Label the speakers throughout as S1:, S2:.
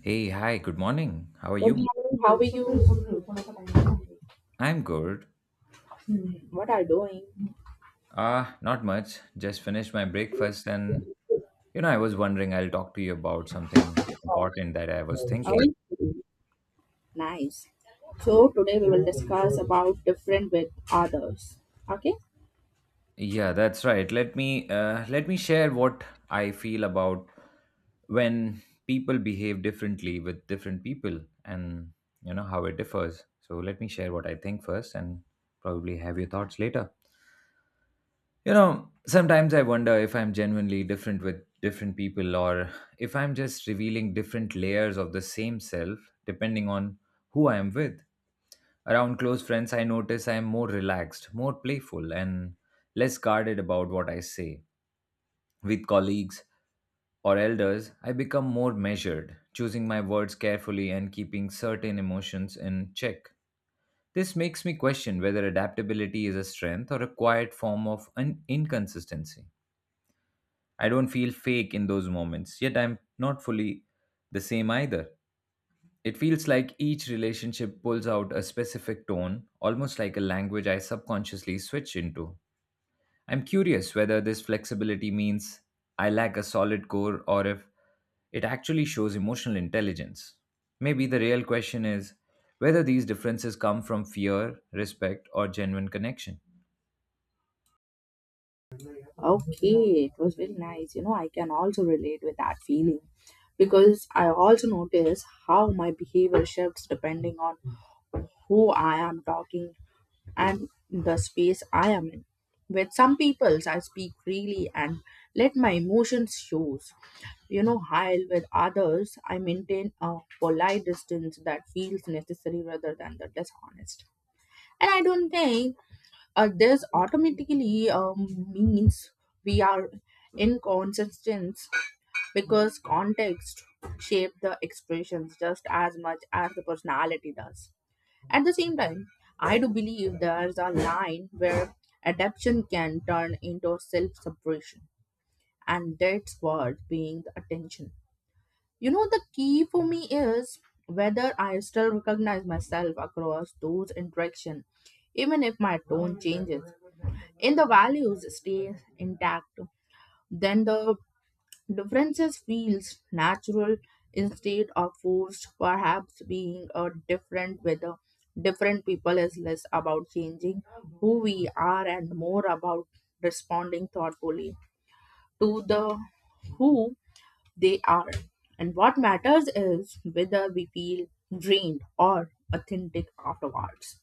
S1: Hey, hi, good morning. How are
S2: Good
S1: you?
S2: morning. How are you?
S1: I'm good.
S2: What are doing?
S1: Ah, not much. Just finished my breakfast and I was wondering I'll talk to you about something important that I was
S2: Oh,
S1: thinking.
S2: nice. So today we will discuss about different with others. Okay.
S1: Yeah, that's right. Let me share what I feel about when people behave differently with different people and you know how it differs. So let me share what I think first and probably have your thoughts later. You know, sometimes I wonder if I'm genuinely different with different people or if I'm just revealing different layers of the same self depending on who I am with. Around close friends, I notice I am more relaxed, more playful, and less guarded about what I say with colleagues or elders. I become more measured, choosing my words carefully and keeping certain emotions in check. This makes me question whether adaptability is a strength or a quiet form of inconsistency. I don't feel fake in those moments, yet I'm not fully the same either. It feels like each relationship pulls out a specific tone, almost like a language I subconsciously switch into. I'm curious whether this flexibility means I lack a solid core or if it actually shows emotional intelligence. Maybe the real question is whether these differences come from fear, respect, or genuine connection.
S2: Okay. It was very nice. You know, I can also relate with that feeling because I also notice how my behavior shifts depending on who I am talking and the space I am in. With some people, I speak freely and let my emotions shows. You know, while with others, I maintain a polite distance that feels necessary rather than the dishonest. And I don't think this automatically means we are inconsistent because context shape the expressions just as much as the personality does. At the same time, I do believe there's a line where adaptation can turn into self subversion, and that's worth paying the attention. You know, the key for me is whether I still recognize myself across those interactions, even if my tone changes. If the values stay intact, then the differences feels natural instead of forced, perhaps being a different whether different people is less about changing who we are and more about responding thoughtfully to the who they are. And what matters is whether we feel drained or authentic afterwards.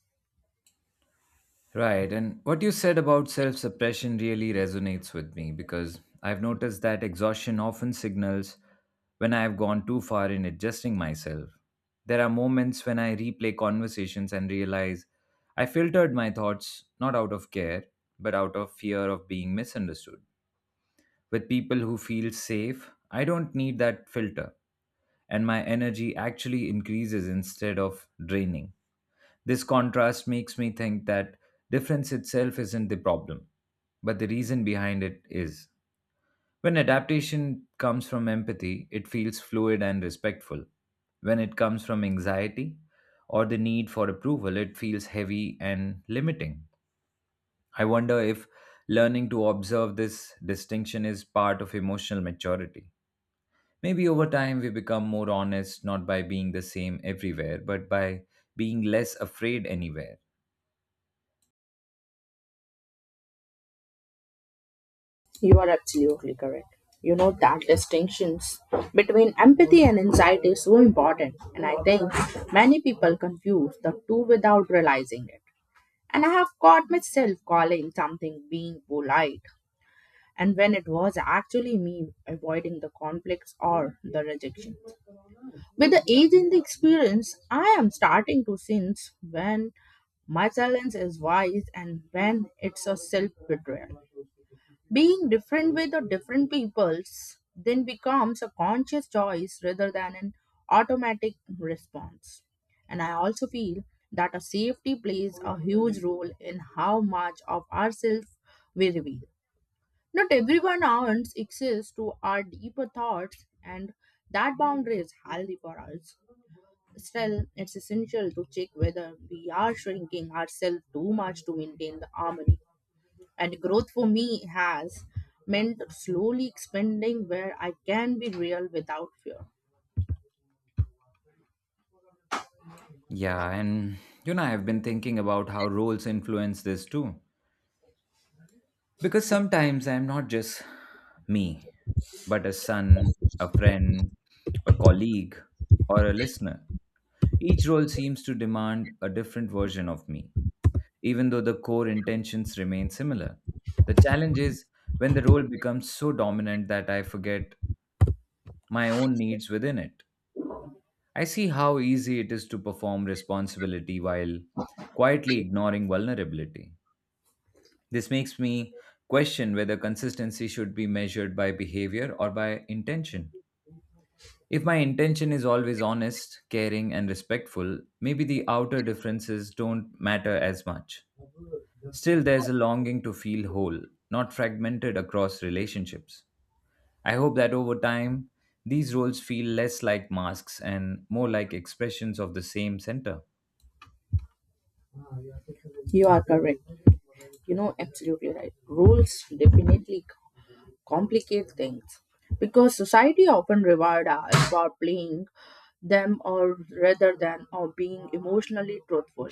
S1: Right. And what you said about self suppression really resonates with me because I've noticed that exhaustion often signals when I've gone too far in adjusting myself. There are moments when I replay conversations and realize I filtered my thoughts not out of care, but out of fear of being misunderstood. With people who feel safe, I don't need that filter, and my energy actually increases instead of draining. This contrast makes me think that difference itself isn't the problem, but the reason behind it is. When adaptation comes from empathy, it feels fluid and respectful. When it comes from anxiety or the need for approval, it feels heavy and limiting. I wonder if learning to observe this distinction is part of emotional maturity. Maybe over time we become more honest, not by being the same everywhere, but by being less afraid anywhere.
S2: You are absolutely correct. You know that distinctions between empathy and anxiety is so important, and I think many people confuse the two without realizing it. And I have caught myself calling something being polite, and when it was actually me avoiding the conflicts or the rejection. With the age and the experience, I am starting to sense when my silence is wise and when it's a self betrayal. Being different with the different peoples then becomes a conscious choice rather than an automatic response. And I also feel that a safety plays a huge role in how much of ourselves we reveal. Not everyone earns access to our deeper thoughts, and that boundary is healthy for us. Still, it's essential to check whether we are shrinking ourselves too much to maintain the harmony. And growth for me has meant slowly expanding where I can be real without fear.
S1: Yeah, and you know, I've been thinking about how roles influence this too. Because sometimes I'm not just me, but a son, a friend, a colleague, or a listener. Each role seems to demand a different version of me, even though the core intentions remain similar. The challenge is when the role becomes so dominant that I forget my own needs within it. I see how easy it is to perform responsibility while quietly ignoring vulnerability. This makes me question whether consistency should be measured by behavior or by intention. If my intention is always honest, caring, and respectful, maybe the outer differences don't matter as much. Still, there's a longing to feel whole, not fragmented across relationships. I hope that over time, these roles feel less like masks and more like expressions of the same center.
S2: You are correct. You know, absolutely right. Rules definitely c- complicate things because society often reward us for playing them or rather than or being emotionally truthful.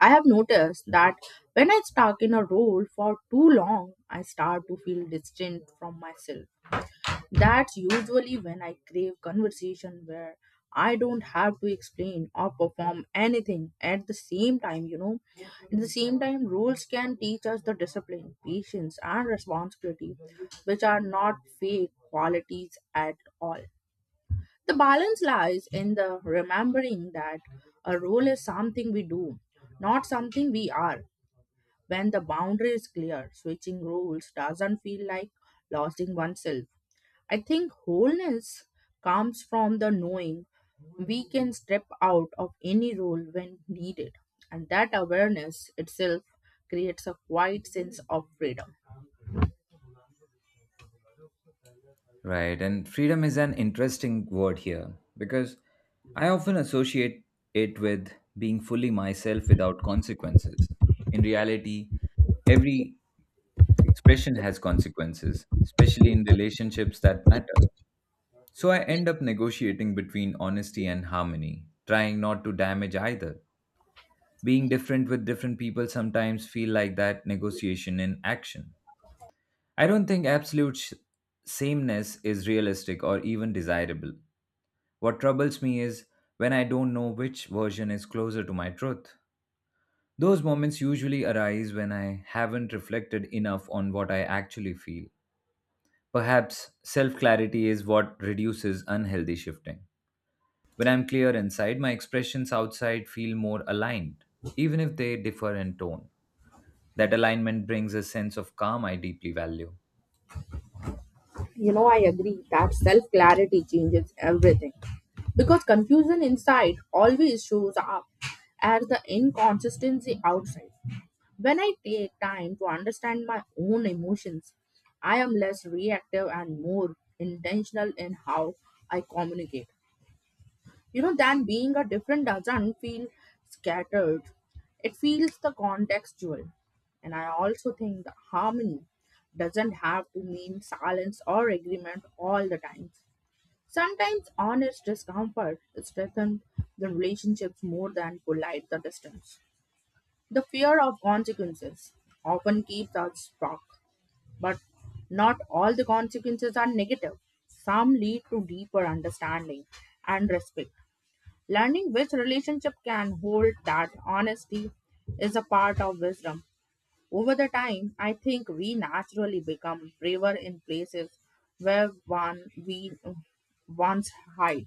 S2: I have noticed that when I stuck in a role for too long, I start to feel distant from myself. That's usually when I crave conversation where I don't have to explain or perform anything at the same time, you know. At the same time, rules can teach us the discipline, patience, and responsibility, which are not fake qualities at all. The balance lies in the remembering that a role is something we do, not something we are. When the boundary is clear, switching roles doesn't feel like losing oneself. I think wholeness comes from the knowing we can step out of any role when needed, and that awareness itself creates a quiet sense of freedom.
S1: Right, and freedom is an interesting word here because I often associate it with being fully myself without consequences. In reality, every expression has consequences, especially in relationships that matter. So I end up negotiating between honesty and harmony, trying not to damage either. Being different with different people sometimes feel like that negotiation in action. I don't think absolute sameness is realistic or even desirable. What troubles me is when I don't know which version is closer to my truth. Those moments usually arise when I haven't reflected enough on what I actually feel. Perhaps self clarity is what reduces unhealthy shifting. When I'm clear inside, my expressions outside feel more aligned, even if they differ in tone. That alignment brings a sense of calm I deeply value.
S2: You know, I agree that self clarity changes everything because confusion inside always shows up as the inconsistency outside. When I take time to understand my own emotions, I am less reactive and more intentional in how I communicate. You know, than being a different doesn't feel scattered, it feels the contextual. And I also think the harmony doesn't have to mean silence or agreement all the time. Sometimes honest discomfort strengthens the relationships more than polite the distance. The fear of consequences often keeps us stuck, but not all the consequences are negative. Some lead to deeper understanding and respect. Learning which relationship can hold that honesty is a part of wisdom. Over the time, I think we naturally become braver in places where one we once hide.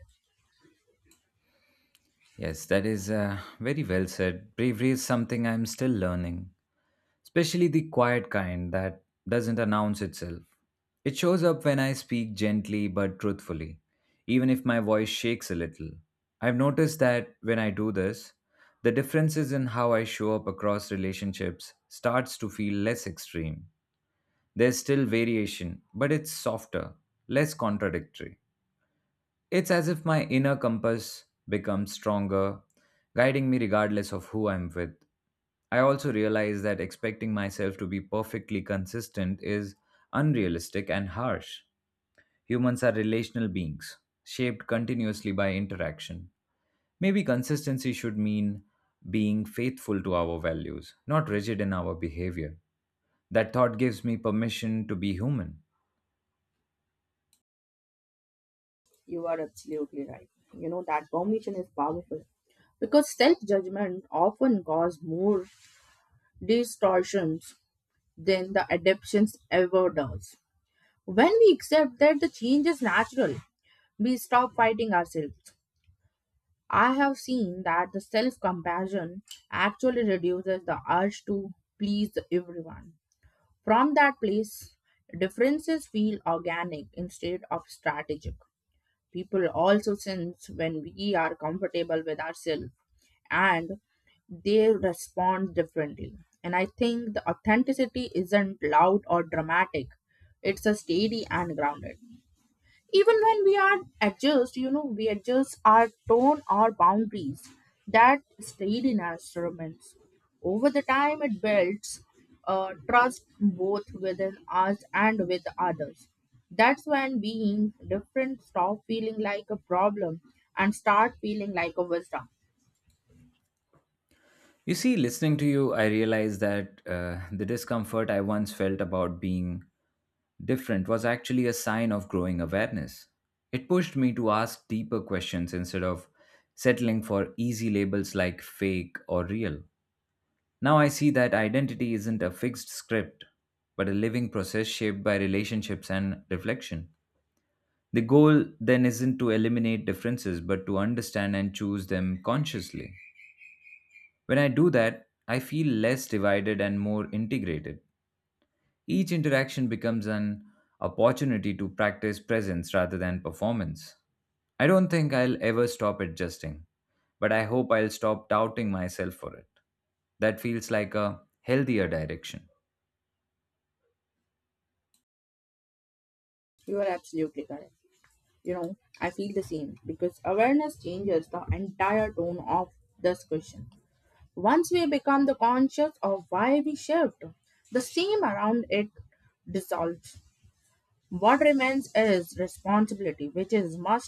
S1: Yes, that is, very well said. Bravery is something I'm still learning, especially the quiet kind that doesn't announce itself. It shows up when I speak gently but truthfully, even if my voice shakes a little. I've noticed that when I do this, the differences in how I show up across relationships starts to feel less extreme. There's still variation, but it's softer, less contradictory. It's as if my inner compass becomes stronger, guiding me regardless of who I'm with. I also realize that expecting myself to be perfectly consistent is unrealistic and harsh. Humans are relational beings, shaped continuously by interaction. Maybe consistency should mean being faithful to our values, not rigid in our behavior. That thought gives me permission to be human.
S2: You are absolutely right. You know, that permission is powerful, because self judgment often causes more distortions than the adaptations ever does. When we accept that the change is natural, we stop fighting ourselves. I have seen that the self compassion actually reduces the urge to please everyone. From that place, differences feel organic instead of strategic. People also sense when we are comfortable with ourselves and they respond differently. And I think the authenticity isn't loud or dramatic, it's a steady and grounded even when we are adjust we adjust our tone or boundaries that stayed in our instruments. Over the time it builds trust both within us and with others. That's when being different stop feeling like a problem and start feeling like a wisdom.
S1: You see, listening to you, I realized that the discomfort I once felt about being different was actually a sign of growing awareness. It pushed me to ask deeper questions instead of settling for easy labels like fake or real. Now I see that identity isn't a fixed script, but a living process shaped by relationships and reflection. The goal then isn't to eliminate differences, but to understand and choose them consciously. When I do that, I feel less divided and more integrated. Each interaction becomes an opportunity to practice presence rather than performance. I don't think I'll ever stop adjusting, but I hope I'll stop doubting myself for it. That feels like a healthier direction.
S2: You are absolutely correct. You know, I feel the same because awareness changes the entire tone of this question. Once we become the conscious of why we shift, the steam around it dissolves. What remains is responsibility, which is much,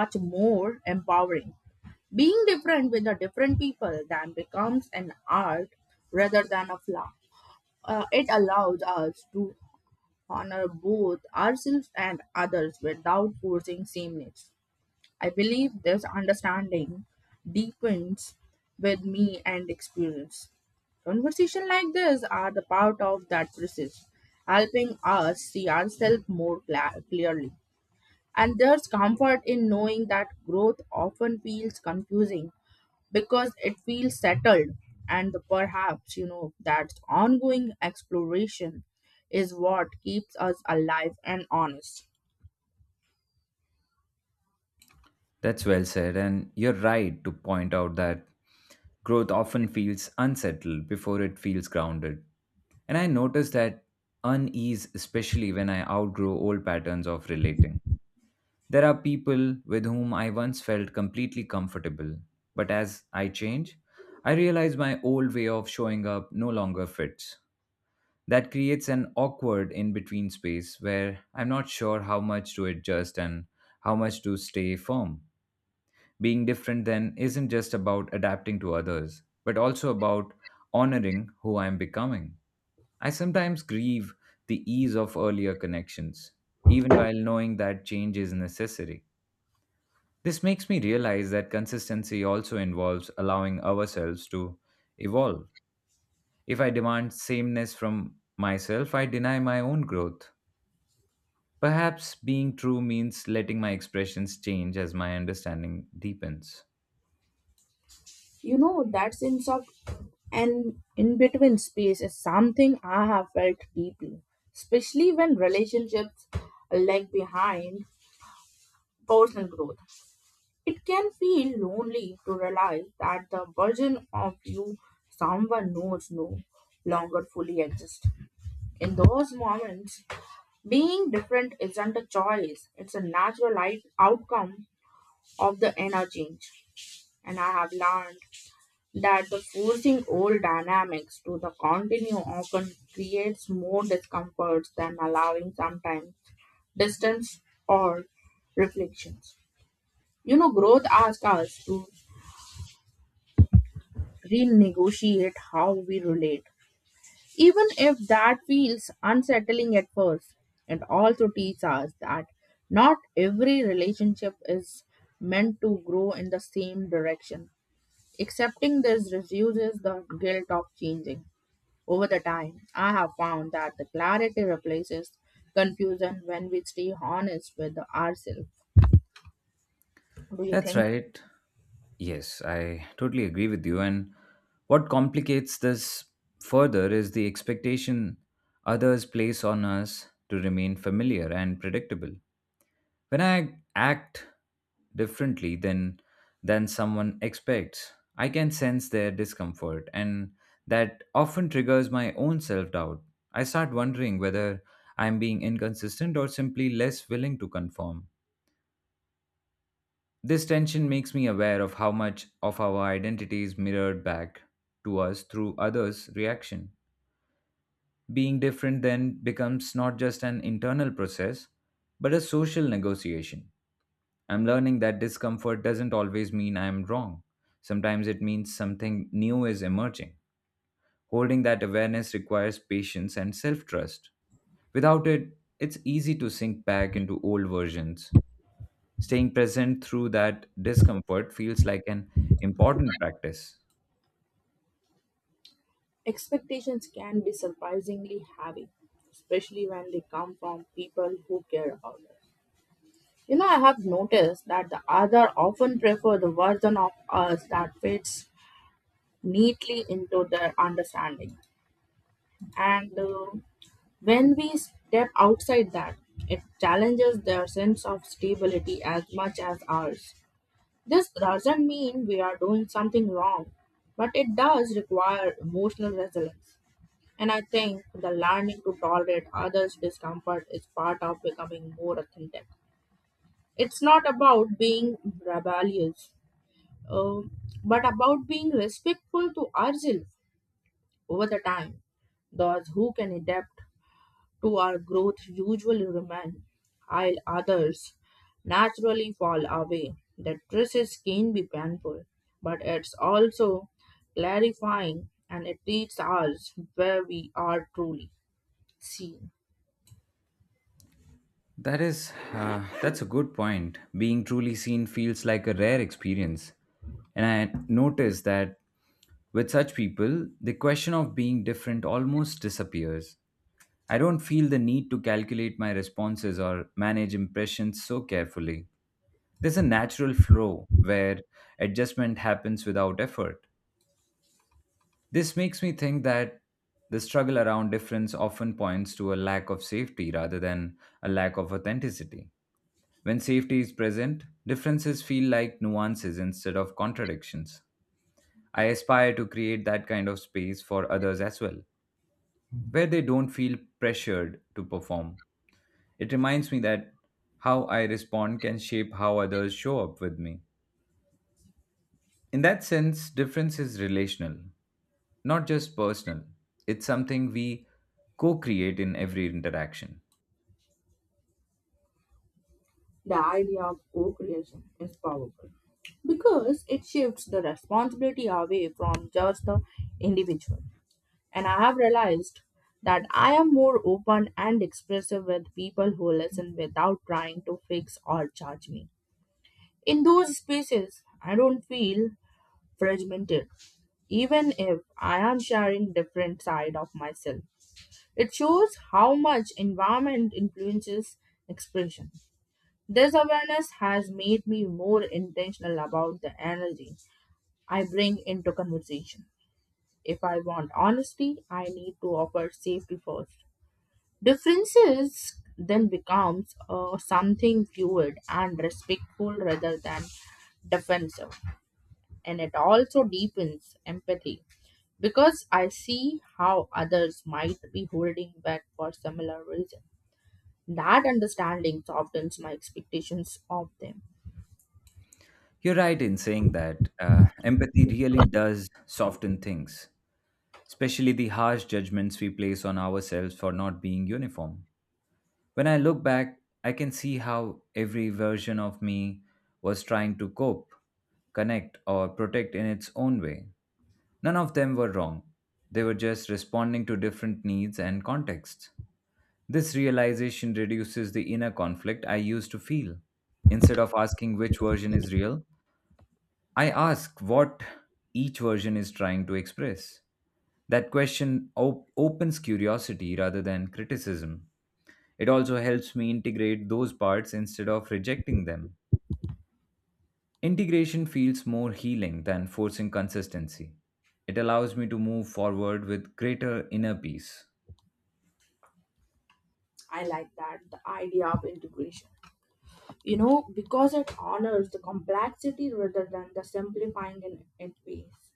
S2: much more empowering. Being different with the different people then becomes an art rather than a flaw. It allows us to honor both ourselves and others without forcing sameness. I believe this understanding deepens with me and experience. Conversations like this are the part of that process, helping us see ourselves more clearly. And there's comfort in knowing that growth often feels confusing because it feels settled, and perhaps, that ongoing exploration is what keeps us alive and honest.
S1: That's well said, and you're right to point out that growth often feels unsettled before it feels grounded. And I notice that unease, especially when I outgrow old patterns of relating. There are people with whom I once felt completely comfortable, but as I change, I realize my old way of showing up no longer fits. That creates an awkward in between space where I'm not sure how much to adjust and how much to stay firm. Being different then isn't just about adapting to others, but also about honoring who I'm becoming. I sometimes grieve the ease of earlier connections, even while knowing that change is necessary. This makes me realize that consistency also involves allowing ourselves to evolve. If I demand sameness from myself, I deny my own growth. Perhaps being true means letting my expressions change as my understanding deepens.
S2: You know, that sense of an in between space is something I have felt deeply, especially when relationships lag behind personal growth. It can feel lonely to realize that the version of you someone knows no longer fully exists. In those moments, being different isn't a choice, it's a natural life outcome of the inner change. And I have learned that the forcing old dynamics to the continue often creates more discomforts than allowing sometimes distance or reflections. You know, growth asks us to renegotiate how we relate. Even if that feels unsettling at first, it also teaches us that not every relationship is meant to grow in the same direction. Accepting this reduces the guilt of changing. Over the time, I have found that the clarity replaces confusion when we stay honest with ourselves. Do you
S1: That's
S2: think
S1: right. Yes, I totally agree with you. And what complicates this further is the expectation others place on us to remain familiar and predictable. When I act differently than someone expects, I can sense their discomfort and that often triggers my own self-doubt. I start wondering whether I'm being inconsistent or simply less willing to conform. This tension makes me aware of how much of our identity is mirrored back to us through others' reaction. Being different then becomes not just an internal process, but a social negotiation. I'm learning that discomfort doesn't always mean I'm wrong. Sometimes it means something new is emerging. Holding that awareness requires patience and self trust. Without it, it's easy to sink back into old versions. Staying present through that discomfort feels like an important practice.
S2: expectations can be surprisingly heavy, especially when they come from people who care about us? You know, I have noticed that the other often prefer the version of us that fits neatly into their understanding. And when we step outside that, it challenges their sense of stability as much as ours. This doesn't mean we are doing something wrong, but it does require emotional resilience. And I think the learning to tolerate others' discomfort is part of becoming more authentic. It's not about being rebellious, um, but about being respectful to ourselves over the time. Those who can adapt to our growth usually remain, while others naturally fall away. The process can be painful, but it's also clarifying and it teaches us where we are truly seen.
S1: That is, that's a good point. Being truly seen feels like a rare experience. And I noticed that with such people, the question of being different almost disappears. I don't feel the need to calculate my responses or manage impressions so carefully. There's a natural flow where adjustment happens without effort. This makes me think that the struggle around difference often points to a lack of safety rather than a lack of authenticity. When safety is present, differences feel like nuances instead of contradictions. I aspire to create that kind of space for others as well, where they don't feel pressured to perform. It reminds me that how I respond can shape how others show up with me. In that sense, difference is relational, not just personal. It's something we co create in every interaction.
S2: The idea of co creation is powerful because it shifts the responsibility away from just the individual. And I have realized that I am more open and expressive with people who listen without trying to fix or judge me. In those spaces, I don't feel fragmented, even if I am sharing different side of myself. It shows how much environment influences expression. This awareness has made me more intentional about the energy I bring into conversation. If I want honesty, I need to offer safety first. Differences then becomes something fluid and respectful rather than defensive, and it also deepens empathy because I see how others might be holding back for similar reason. That understanding softens my expectations of them.
S1: You're right in saying that, empathy really does soften things, especially the harsh judgments we place on ourselves for not being uniform. When I look back, I can see how every version of me was trying to cope, connect, or protect in its own way. None of them were wrong. They were just responding to different needs and contexts. This realization reduces the inner conflict I used to feel. Instead of asking which version is real, I ask what each version is trying to express. That question opens curiosity rather than criticism. It also helps me integrate those parts instead of rejecting them. Integration feels more healing than forcing consistency. It allows me to move forward with greater inner peace.
S2: I like that the idea of integration. You know, because it honors the complexity rather than the simplifying in it ways.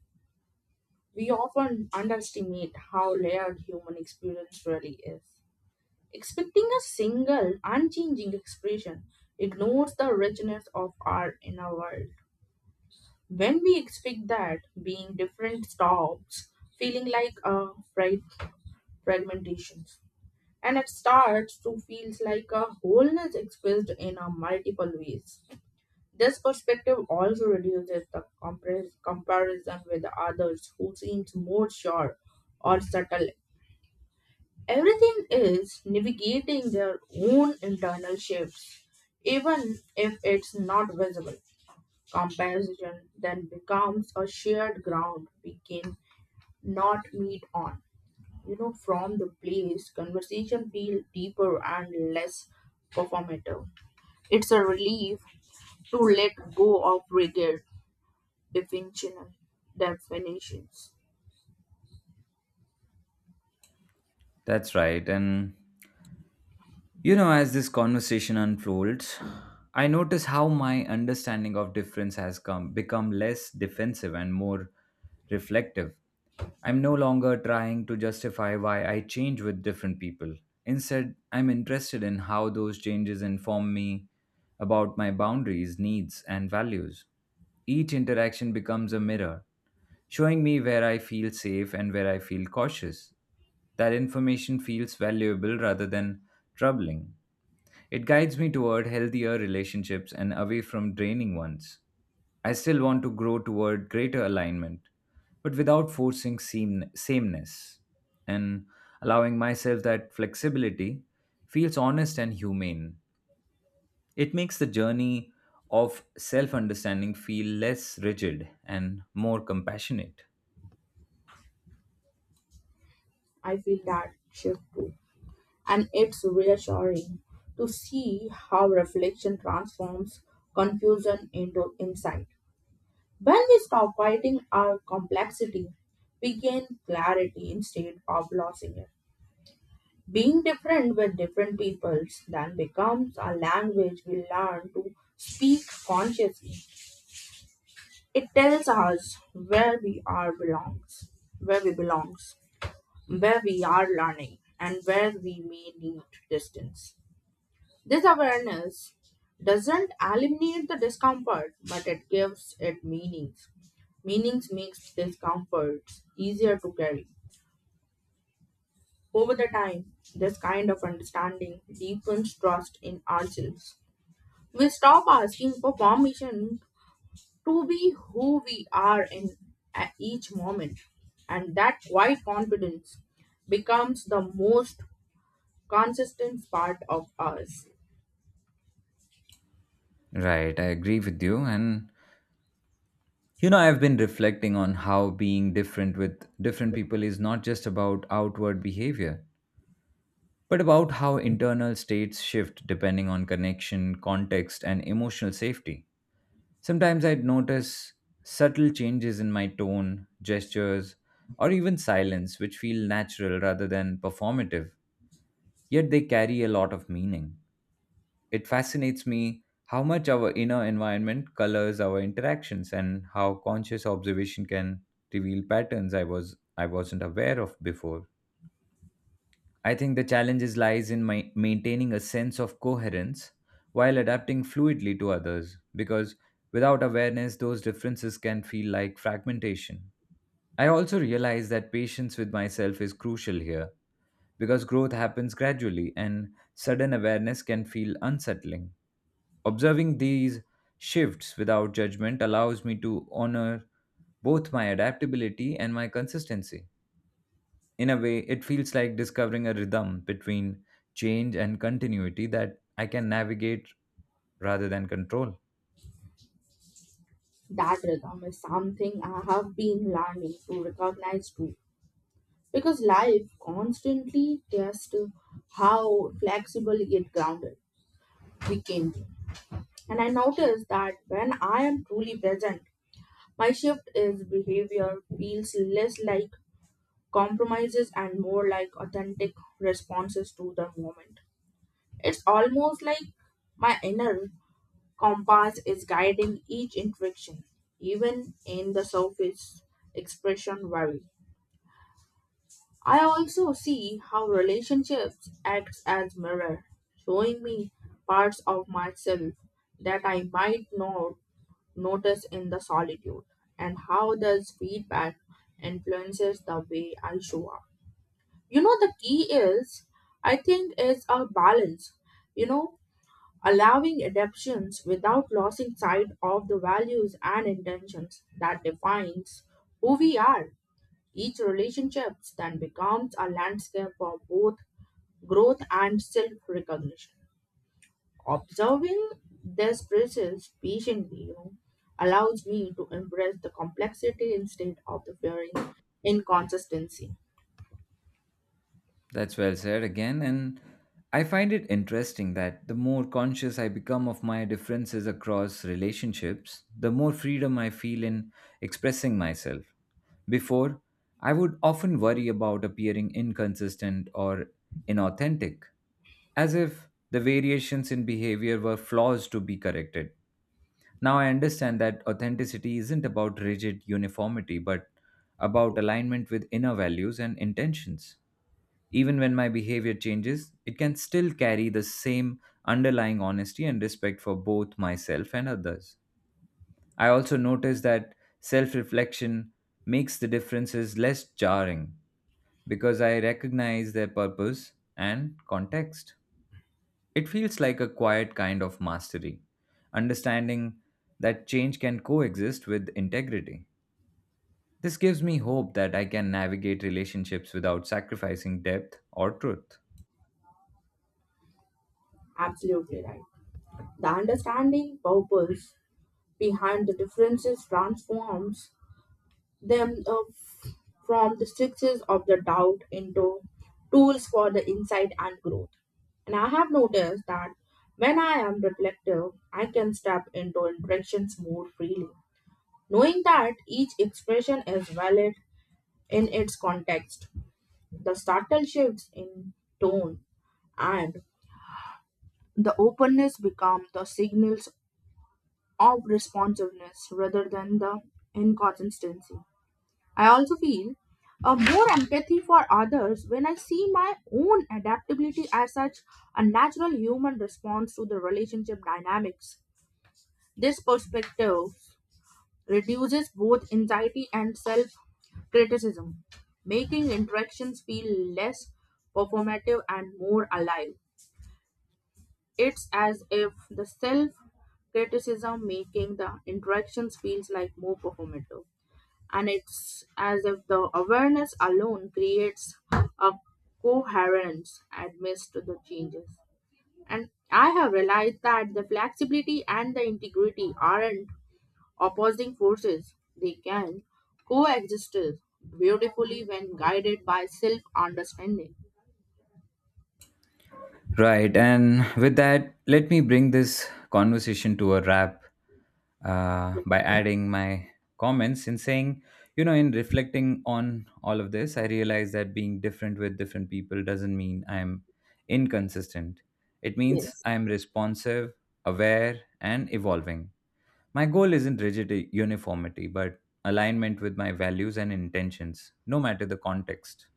S2: We often underestimate how layered human experience really is. Expecting a single, unchanging expression ignores the richness of our inner world. When we expect that, being different stops feeling like a frag- fragmentation and it starts to feel like a wholeness expressed in a multiple ways. This perspective also reduces the comparison with others who seems more sure or subtle. Everything is navigating their own internal shifts, even if it's not visible. Comparison then becomes a shared ground we can not meet on. You know, from the place, conversation feel deeper and less performative. It's a relief to let go of rigid definitional definitions.
S1: That's right. And you know, as this conversation unfolds, I notice how my understanding of difference has come become less defensive and more reflective. I'm no longer trying to justify why I change with different people. Instead, I'm interested in how those changes inform me about my boundaries, needs, and values. Each interaction becomes a mirror, showing me where I feel safe and where I feel cautious. That information feels valuable rather than troubling. It guides me toward healthier relationships and away from draining ones. I still want to grow toward greater alignment, but without forcing sameness. And allowing myself that flexibility feels honest and humane. It makes the journey of self understanding feel less rigid and more compassionate.
S2: I feel that shift too. And it's reassuring to see how reflection transforms confusion into insight. When we stop fighting our complexity, we gain clarity instead of losing it. Being different with different peoples then becomes a language we learn to speak consciously. It tells us where we belongs, where we are learning, and where we may need distance. This awareness doesn't eliminate the discomfort, but it gives it meanings. Meanings makes discomforts easier to carry. Over the time, this kind of understanding deepens trust in ourselves. We stop asking for permission to be who we are in at each moment, and that quiet confidence becomes the most consistent part of us.
S1: Right, I agree with you. And, you know, I've been reflecting on how being different with different people is not just about outward behavior, but about how internal states shift depending on connection, context, and emotional safety. Sometimes I'd notice subtle changes in my tone, gestures, or even silence, which feel natural rather than performative, yet they carry a lot of meaning. It fascinates me how much our inner environment colors our interactions and how conscious observation can reveal patterns I wasn't aware of before. I think the challenges lies in my maintaining a sense of coherence while adapting fluidly to others because without awareness those differences can feel like fragmentation. I also realize that patience with myself is crucial here because growth happens gradually and sudden awareness can feel unsettling. Observing these shifts without judgment allows me to honor both my adaptability and my consistency. In a way, it feels like discovering a rhythm between change and continuity that I can navigate rather than control.
S2: That rhythm is something I have been learning to recognize too, because life constantly tests how flexible yet grounded we can be. And I notice that when I am truly present, my shift is behavior feels less like compromises and more like authentic responses to the moment. It's almost like my inner compass is guiding each interaction, even in the surface expression vary. I also see how relationships acts as mirror, showing me parts of myself that I might not notice in the solitude, and how does feedback influences the way I show up. You know the key is I think is a balance. You know allowing adaptations without losing sight of the values and intentions that defines who we are. Each relationship then becomes a landscape for both growth and self-recognition. Observing this process patiently allows me to embrace the complexity instead of the fearing inconsistency.
S1: That's well said again. And I find it interesting that the more conscious I become of my differences across relationships, the more freedom I feel in expressing myself. Before, I would often worry about appearing inconsistent or inauthentic, as if the variations in behavior were flaws to be corrected. Now I understand that authenticity isn't about rigid uniformity, but about alignment with inner values and intentions. Even when my behavior changes, it can still carry the same underlying honesty and respect for both myself and others. I also notice that self reflection makes the differences less jarring because I recognize their purpose and context. It feels like a quiet kind of mastery, understanding that change can coexist with integrity. This gives me hope that I can navigate relationships without sacrificing depth or truth.
S2: Absolutely right. The understanding purpose behind the differences transforms them from the sixes of the doubt into tools for the insight and growth. And I have noticed that when I am reflective, I can step into interactions more freely. Knowing that each expression is valid in its context, the subtle shifts in tone and the openness become the signals of responsiveness rather than the inconsistency. I also feel a more empathy for others when I see my own adaptability as such a natural human response to the relationship dynamics. This perspective reduces both anxiety and self criticism, making interactions feel less performative and more alive. It's as if the self criticism making the interactions feels like more performative and it's as if the awareness alone creates a coherence amidst the changes. And I have realized that the flexibility and the integrity aren't opposing forces, they can coexist beautifully when guided by self understanding.
S1: Right. And with that, let me bring this conversation to a wrap by adding my comments and saying, you know, in reflecting on all of this, I realize that being different with different people doesn't mean I'm inconsistent. It means
S2: Yes.
S1: I'm responsive, aware, and evolving. My goal isn't rigid uniformity, but alignment with my values and intentions, no matter the context.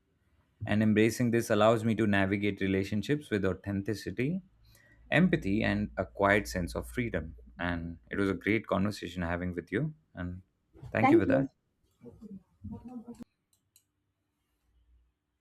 S1: And embracing this allows me to navigate relationships with authenticity empathy and a quiet sense of freedom. And it was a great conversation having with you. And thank you
S2: Thank
S1: for
S2: you.
S1: that.